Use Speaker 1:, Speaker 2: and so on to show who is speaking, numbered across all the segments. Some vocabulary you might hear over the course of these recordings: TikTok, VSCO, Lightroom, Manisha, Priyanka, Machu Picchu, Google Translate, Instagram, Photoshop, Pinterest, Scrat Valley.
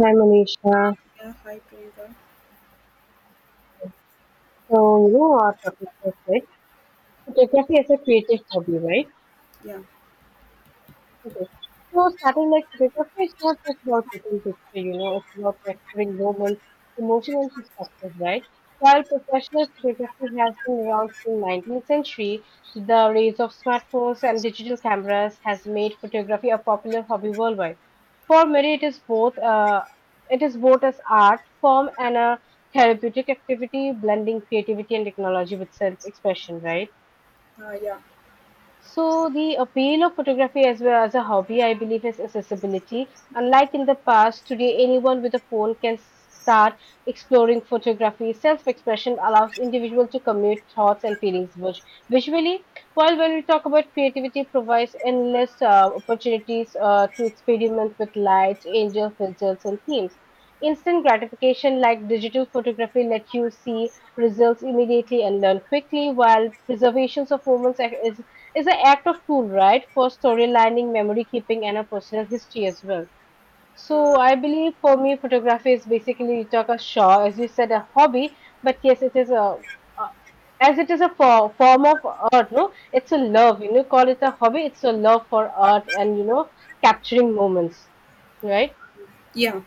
Speaker 1: Hi, Manisha.
Speaker 2: Yeah, hi Priyanka.
Speaker 1: So, you know, our topic was like photography as a creative hobby, right?
Speaker 2: Yeah,
Speaker 1: Okay. So starting like photography is not just about taking picture, you know, it's about capturing moments, emotion and perspective, right? While professional photography has been around since 19th century, the rise of smartphones and digital cameras has made photography a popular hobby worldwide. For many, it is both as art form and a therapeutic activity, blending creativity and technology with self-expression, right?
Speaker 2: uh, yeah,
Speaker 1: So the appeal of photography as well as a hobby, I believe, is accessibility. Unlike in the past, today anyone with a phone can start exploring photography. Self-expression allows individual to commute thoughts and feelings visually. While when we talk about creativity, it provides endless opportunities to experiment with lights, angel filters, and themes. Instant gratification like digital photography let you see results immediately and learn quickly, while preservations of moments is it's an act of tool, right? For storylining, memory keeping, and a personal history as well. So
Speaker 2: uh,
Speaker 1: I believe for me, photography is basically like a Shaw, as you said, a hobby. But yes, it is a as it is a form of art. No, it's a love. You know, call it a hobby. It's a love for art and you know capturing moments, right?
Speaker 2: yeah.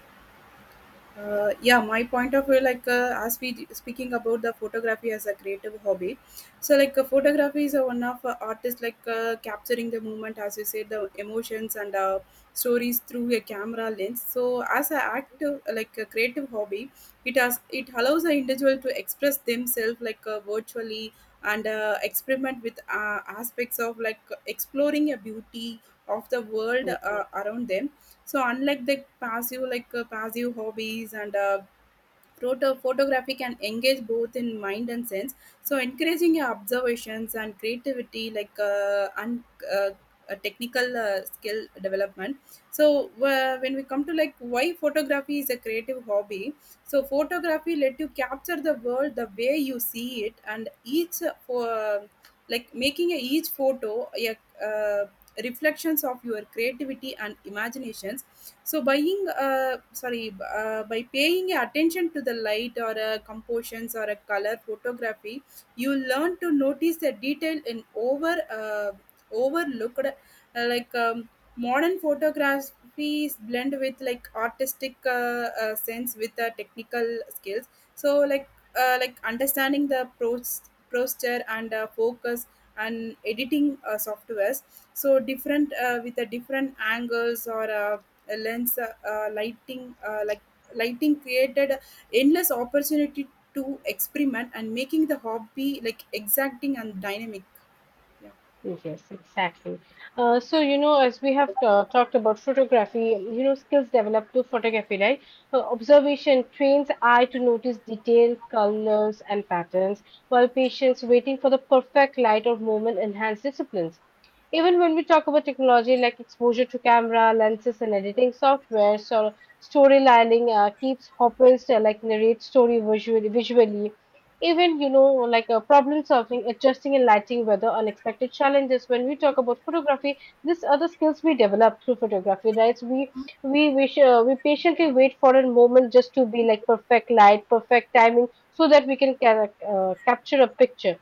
Speaker 2: Yeah, my point of view, as we speaking about the photography as a creative hobby, so photography is a one of artists, capturing the moment, as you said, the emotions and stories through a camera lens. So as an active, like a creative hobby, it allows the individual to express themselves virtually, and experiment with aspects of, like, exploring a beauty of the world around them. So unlike the passive, passive hobbies, and photography can engage both in mind and sense. So encouraging your observations and creativity, and uh, technical skill development. So when we come to like why photography is a creative hobby, so photography let you capture the world the way you see it, and each for like making a, each photo a uh, reflections of your creativity and imaginations. So buying sorry by paying attention to the light or a compositions or a color photography, you learn to notice the detail in overlooked uh, like. Um, modern photography is blend with like artistic sense with the technical skills. So like understanding the posture and focus and editing softwares. So different with the different angles or a lens, lighting, like lighting, created endless opportunity to experiment and making the hobby like exacting and dynamic. Yeah
Speaker 1: Yes, exactly. So, you know, as we have talked about photography, you know, skills developed through photography, right? Observation trains eye to notice detail, colors, and patterns, while patience waiting for the perfect light or moment enhance disciplines. Even when we talk about technology like exposure to camera, lenses, and editing software, so storylining keeps hoppers like narrate story visually, even you know, like problem solving adjusting and lighting weather unexpected challenges. When we talk about photography, this other skills we develop through photography, right? So we patiently wait for a moment just to be like perfect light perfect timing so that we can capture a picture.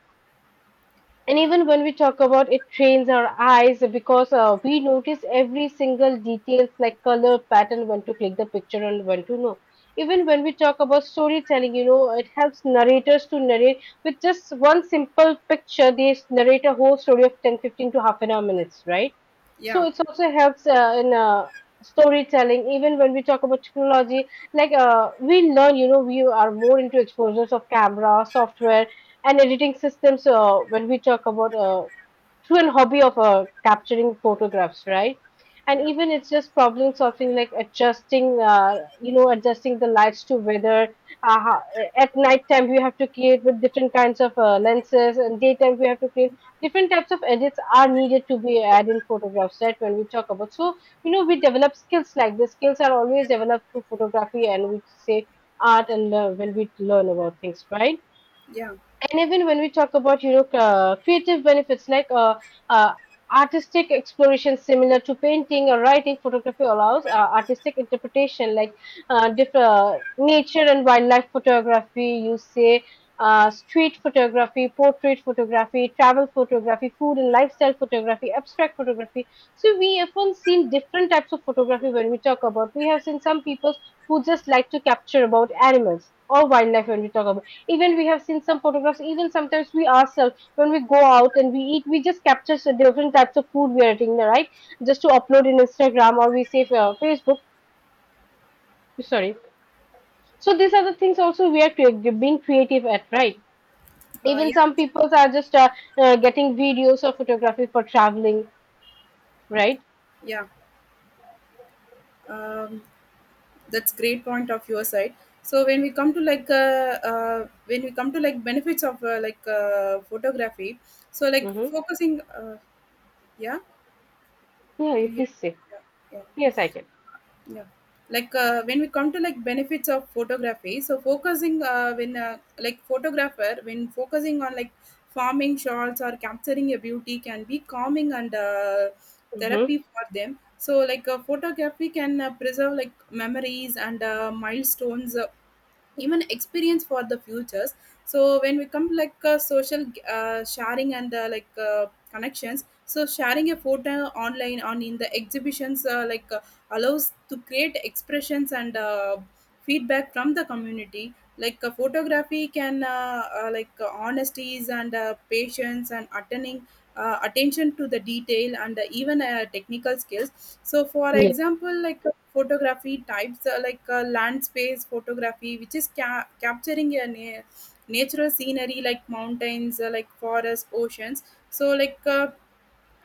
Speaker 1: And even when we talk about it trains our eyes because we notice every single details like color pattern, when to click the picture and when to know. Even when we talk about storytelling, you know, it helps narrators to narrate with just one simple picture. They narrate a whole story of 10, 15 to half an hour minutes, right? So
Speaker 2: yeah
Speaker 1: it also helps in storytelling. Even when we talk about technology, like we learn, you know, we are more into exposures of camera, software and editing systems when we talk about true and hobby of capturing photographs, right? And
Speaker 2: yeah
Speaker 1: even it's just problem solving like adjusting you know, adjusting the lights to weather at night time we have to create with different kinds of lenses, and daytime we have to create different types of edits are needed to be added in photographs, right? When we talk about, so you know, we develop skills like this, skills are always developed through photography and we say art, and when we learn about things, right?
Speaker 2: yeah
Speaker 1: And even when we talk about, you know, creative benefits like uh, artistic exploration similar to painting or writing, photography allows artistic interpretation like nature and wildlife photography, you say street photography, portrait photography, travel photography, food and lifestyle photography, abstract photography. So we often seen different types of photography. When we talk about, we have seen some people who just like to capture about animals or wildlife. When we talk about, even we have seen some photographs, even sometimes we ourselves when we go out and we eat, we just capture different types of food we are eating, right? Just to upload in instagram, or we say facebook, sorry. So these are the things also we are being creative at, right?
Speaker 2: uh,
Speaker 1: Even
Speaker 2: yeah
Speaker 1: some people are just getting videos or photography for traveling, right?
Speaker 2: Yeah, um, that's great point of your side. So when we come to when we come to like benefits of photography, so like
Speaker 1: Mm-hmm.
Speaker 2: focusing, yeah,
Speaker 1: Yeah, you
Speaker 2: can you hear?
Speaker 1: please say.
Speaker 2: Yeah, yeah.
Speaker 1: Yes, I can.
Speaker 2: Yeah. When we come to like benefits of photography, so focusing when like photographer when focusing on like farming shots or capturing a beauty can be calming and
Speaker 1: Mm-hmm.
Speaker 2: therapy for them. So photography can preserve like memories and milestones, even experience for the futures. So when we come social sharing and connections, so sharing a photo online on in the exhibitions allows to create expressions and feedback from the community. Photography can honesties and patience and attending attention to the detail and even technical skills. So for
Speaker 1: Yes.
Speaker 2: example, photography types, land space photography, which is capturing a natural scenery like mountains, like forests, oceans. So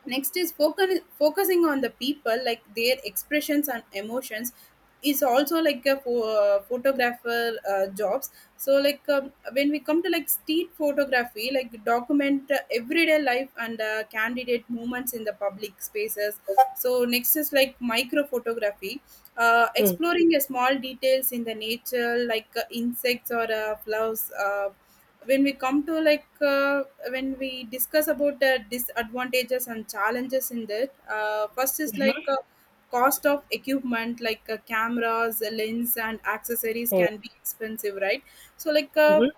Speaker 2: next is focusing on the people, like their expressions and emotions, is also like a photographer jobs. So like when we come to like street photography, like document everyday life and candidate movements in the public spaces. So next is like micro photography,
Speaker 1: Mm.
Speaker 2: exploring a small details in the nature, like insects or flowers. When we come to when we discuss about the disadvantages and challenges in that, first is cost of equipment, cameras, lens and accessories
Speaker 1: Yes.
Speaker 2: can be expensive, right? So
Speaker 1: Mhm.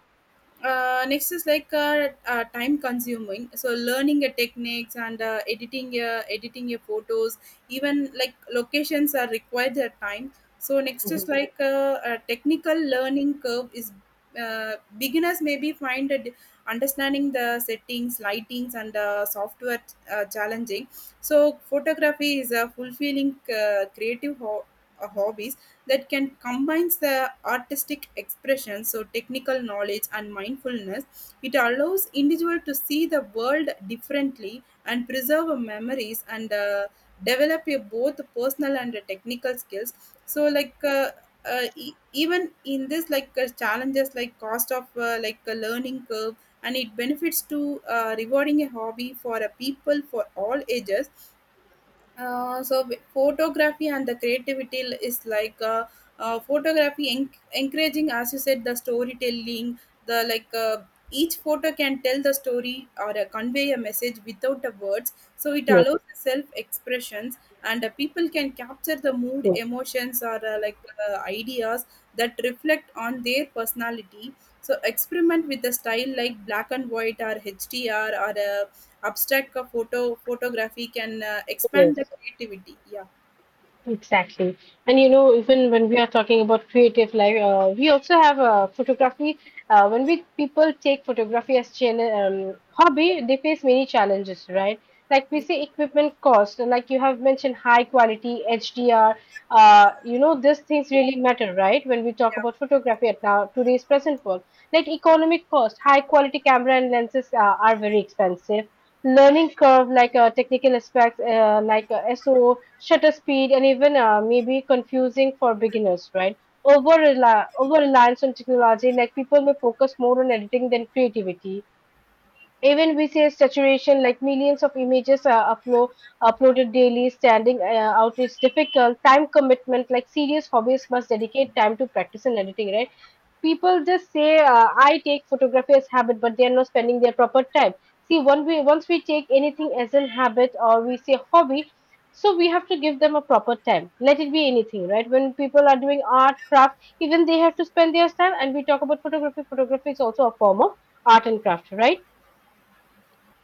Speaker 2: next is time consuming, so learning a techniques and editing your photos, even like locations are required their time. So next is a technical learning curve is, beginners maybe find a understanding the settings, lightings and software challenging. So photography is a fulfilling creative a hobby that can combines the artistic expression, so technical knowledge and mindfulness. It allows individual to see the world differently and preserve memories and develop your both personal and technical skills. So even in this like challenges like cost of like a learning curve, and it benefits to rewarding a hobby for a people for all ages. So photography and the creativity is photography encouraging, as you said, the storytelling, the like each photo can tell the story or convey a message without the words. So it allows
Speaker 1: Yes.
Speaker 2: self expressions, and people can capture the mood,
Speaker 1: Yes.
Speaker 2: emotions, or ideas that reflect on their personality. So experiment with the style like black and white or hdr or abstract, photography can expand the
Speaker 1: Yes.
Speaker 2: creativity. yeah
Speaker 1: Exactly. And you know, even when we are talking about creative life, we also have photography. When we people take photography as hobby, they face many challenges, right? Like we say, equipment cost, and like you have mentioned, high quality HDR. You know, these things really matter, right? When we talk
Speaker 2: yeah
Speaker 1: about photography at now today's present world, like economic cost, high quality camera and lenses are very expensive. Learning curve like technical aspects like SO, shutter speed, and even maybe confusing for beginners, right? Over reliance on technology, like people may focus more on editing than creativity. Even we say saturation, like millions of images are uploaded daily, standing out is difficult. Time commitment, like serious hobbyists must dedicate time to practice and editing, right? People just say, I take photography as habit but they are not spending their proper time. See, once we take anything as a habit or we say hobby, so we have to give them a proper time, let it be anything, right? When people are doing art craft, even they have to spend their time, and we talk about photography, photography is also a form of art and craft, right?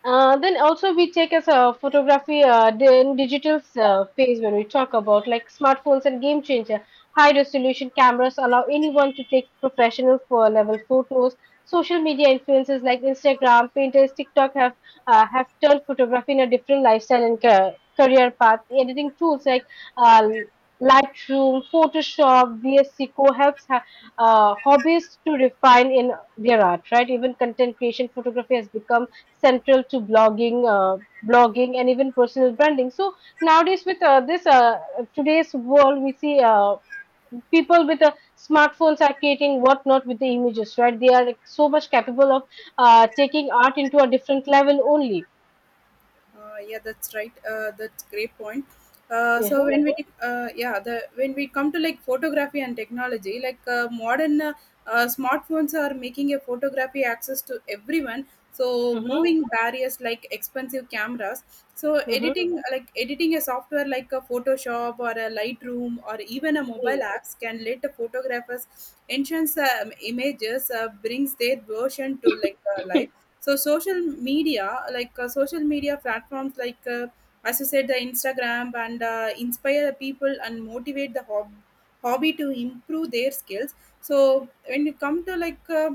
Speaker 1: Then also we take as a photography, then digital phase when we talk about like smartphones and game changer. High resolution cameras allow anyone to take professional for level photos. Social media influences like Instagram, Pinterest, TikTok have turned photography in a different lifestyle and career path. Editing tools like uh,
Speaker 2: yeah
Speaker 1: Lightroom, Photoshop, VSC Co helps hobbyists to refine in their art. Right, even content creation photography has become central to blogging, and even personal branding. So nowadays, with this today's world, we see people with smartphones are creating whatnot with the images, right? They are like so much capable of taking art into a different level only.
Speaker 2: Yeah, that's right. That's great point. Uh, so
Speaker 1: Mm-hmm.
Speaker 2: when we uh, yeah the when we come to like photography and technology, like modern smartphones are making a photography access to everyone. So
Speaker 1: Mm-hmm.
Speaker 2: moving barriers like expensive cameras. So
Speaker 1: Mm-hmm.
Speaker 2: editing, like editing a software like a Photoshop or a Lightroom, or even a mobile
Speaker 1: Yes.
Speaker 2: apps, can let the photographers enhance images, brings their version to life. So social media platforms, as you said, the Instagram, and inspire the people and motivate the hobby to improve their skills. So when you come to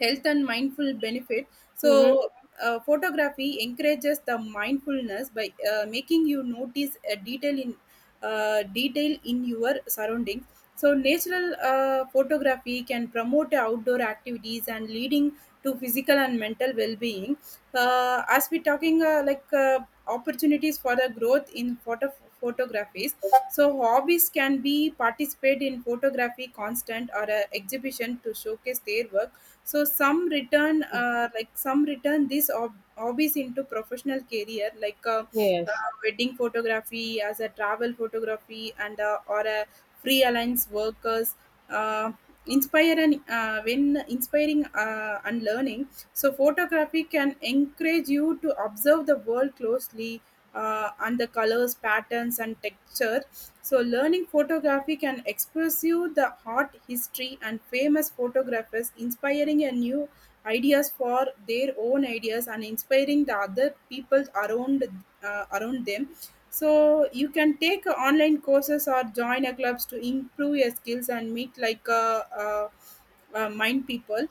Speaker 2: health and mindful benefit. So
Speaker 1: Mm-hmm.
Speaker 2: photography encourages the mindfulness by making you notice a detail in detail in your surroundings. So natural photography can promote outdoor activities and leading to physical and mental well-being. As we talking, opportunities for the growth in photographies. So hobbies can be participate in photography constant or exhibition to showcase their work. So some return these hobbies into professional career,
Speaker 1: Yes.
Speaker 2: wedding photography, as a travel photography, and or a freelance workers. Uh, Inspire and when inspiring and learning, so photography can encourage you to observe the world closely, and the colors, patterns and texture. So learning photography can express you the art history and famous photographers inspiring a new ideas for their own ideas and inspiring the other people around, around them. So you can take online courses or join a clubs to improve your skills and meet mind people.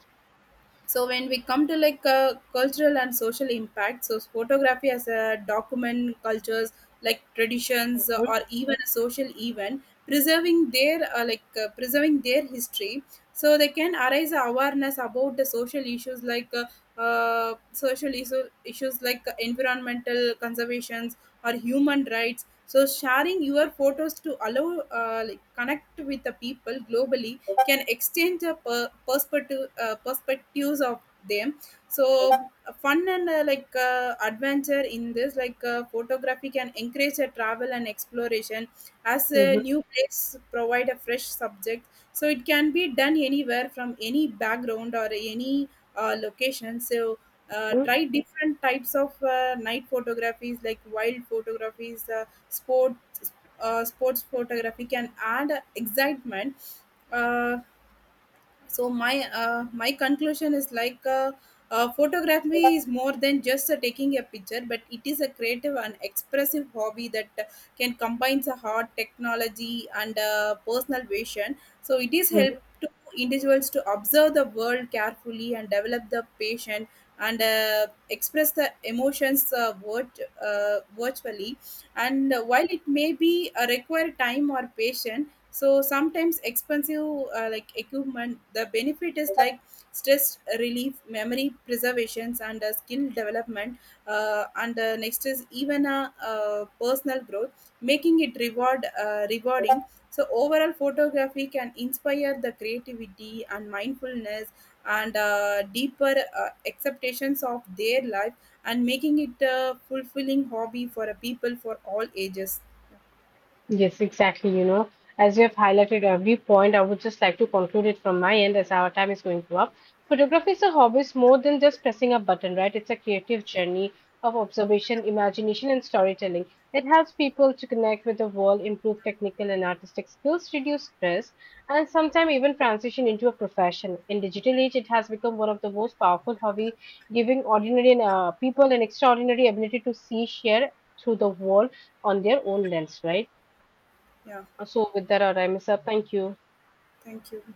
Speaker 2: So when we come to cultural and social impact. So photography as a document cultures, like traditions,
Speaker 1: Mm-hmm.
Speaker 2: or even a social event, preserving their preserving their history. So they can arise awareness about the social issues, issues like environmental conservations or human rights. So sharing your photos to allow like connect with the people globally, can exchange the perspectives of them. So fun and adventure in this, photography can encourage a travel and exploration, as a
Speaker 1: Mm-hmm.
Speaker 2: new place provide a fresh subject. So it can be done anywhere, from any background or any location. So
Speaker 1: Mm-hmm.
Speaker 2: try different types of night photographies, like wild photographies, sports photography can add excitement. Uh, so my my conclusion is photography is more than just taking a picture, but it is a creative and expressive hobby that can combine the art, technology and personal vision. So it is help to individuals to observe the world carefully and develop the patient, and express the emotions, virtually. And while it may be require time or patience, so sometimes expensive like equipment, the benefit is like stress relief, memory preservations and skill development. And Next is even a personal growth, making it rewarding. So overall photography can inspire the creativity and mindfulness, and deeper acceptations of their life, and making it a fulfilling hobby for a people for all ages.
Speaker 1: Yes, exactly. You know, as you have highlighted every point, I would just like to conclude it from my end as our time is going to up. Photography is a hobby, it's more than just pressing a button, right? It's a creative journey of observation, imagination, and storytelling. It helps people to connect with the world, improve technical and artistic skills, reduce stress, and sometimes even transition into a profession. In digital age, it has become one of the most powerful hobby, giving ordinary people an extraordinary ability to see, share through the world on their own lens, right?
Speaker 2: Yeah,
Speaker 1: So with that, I miss up. Thank you.
Speaker 2: thank you.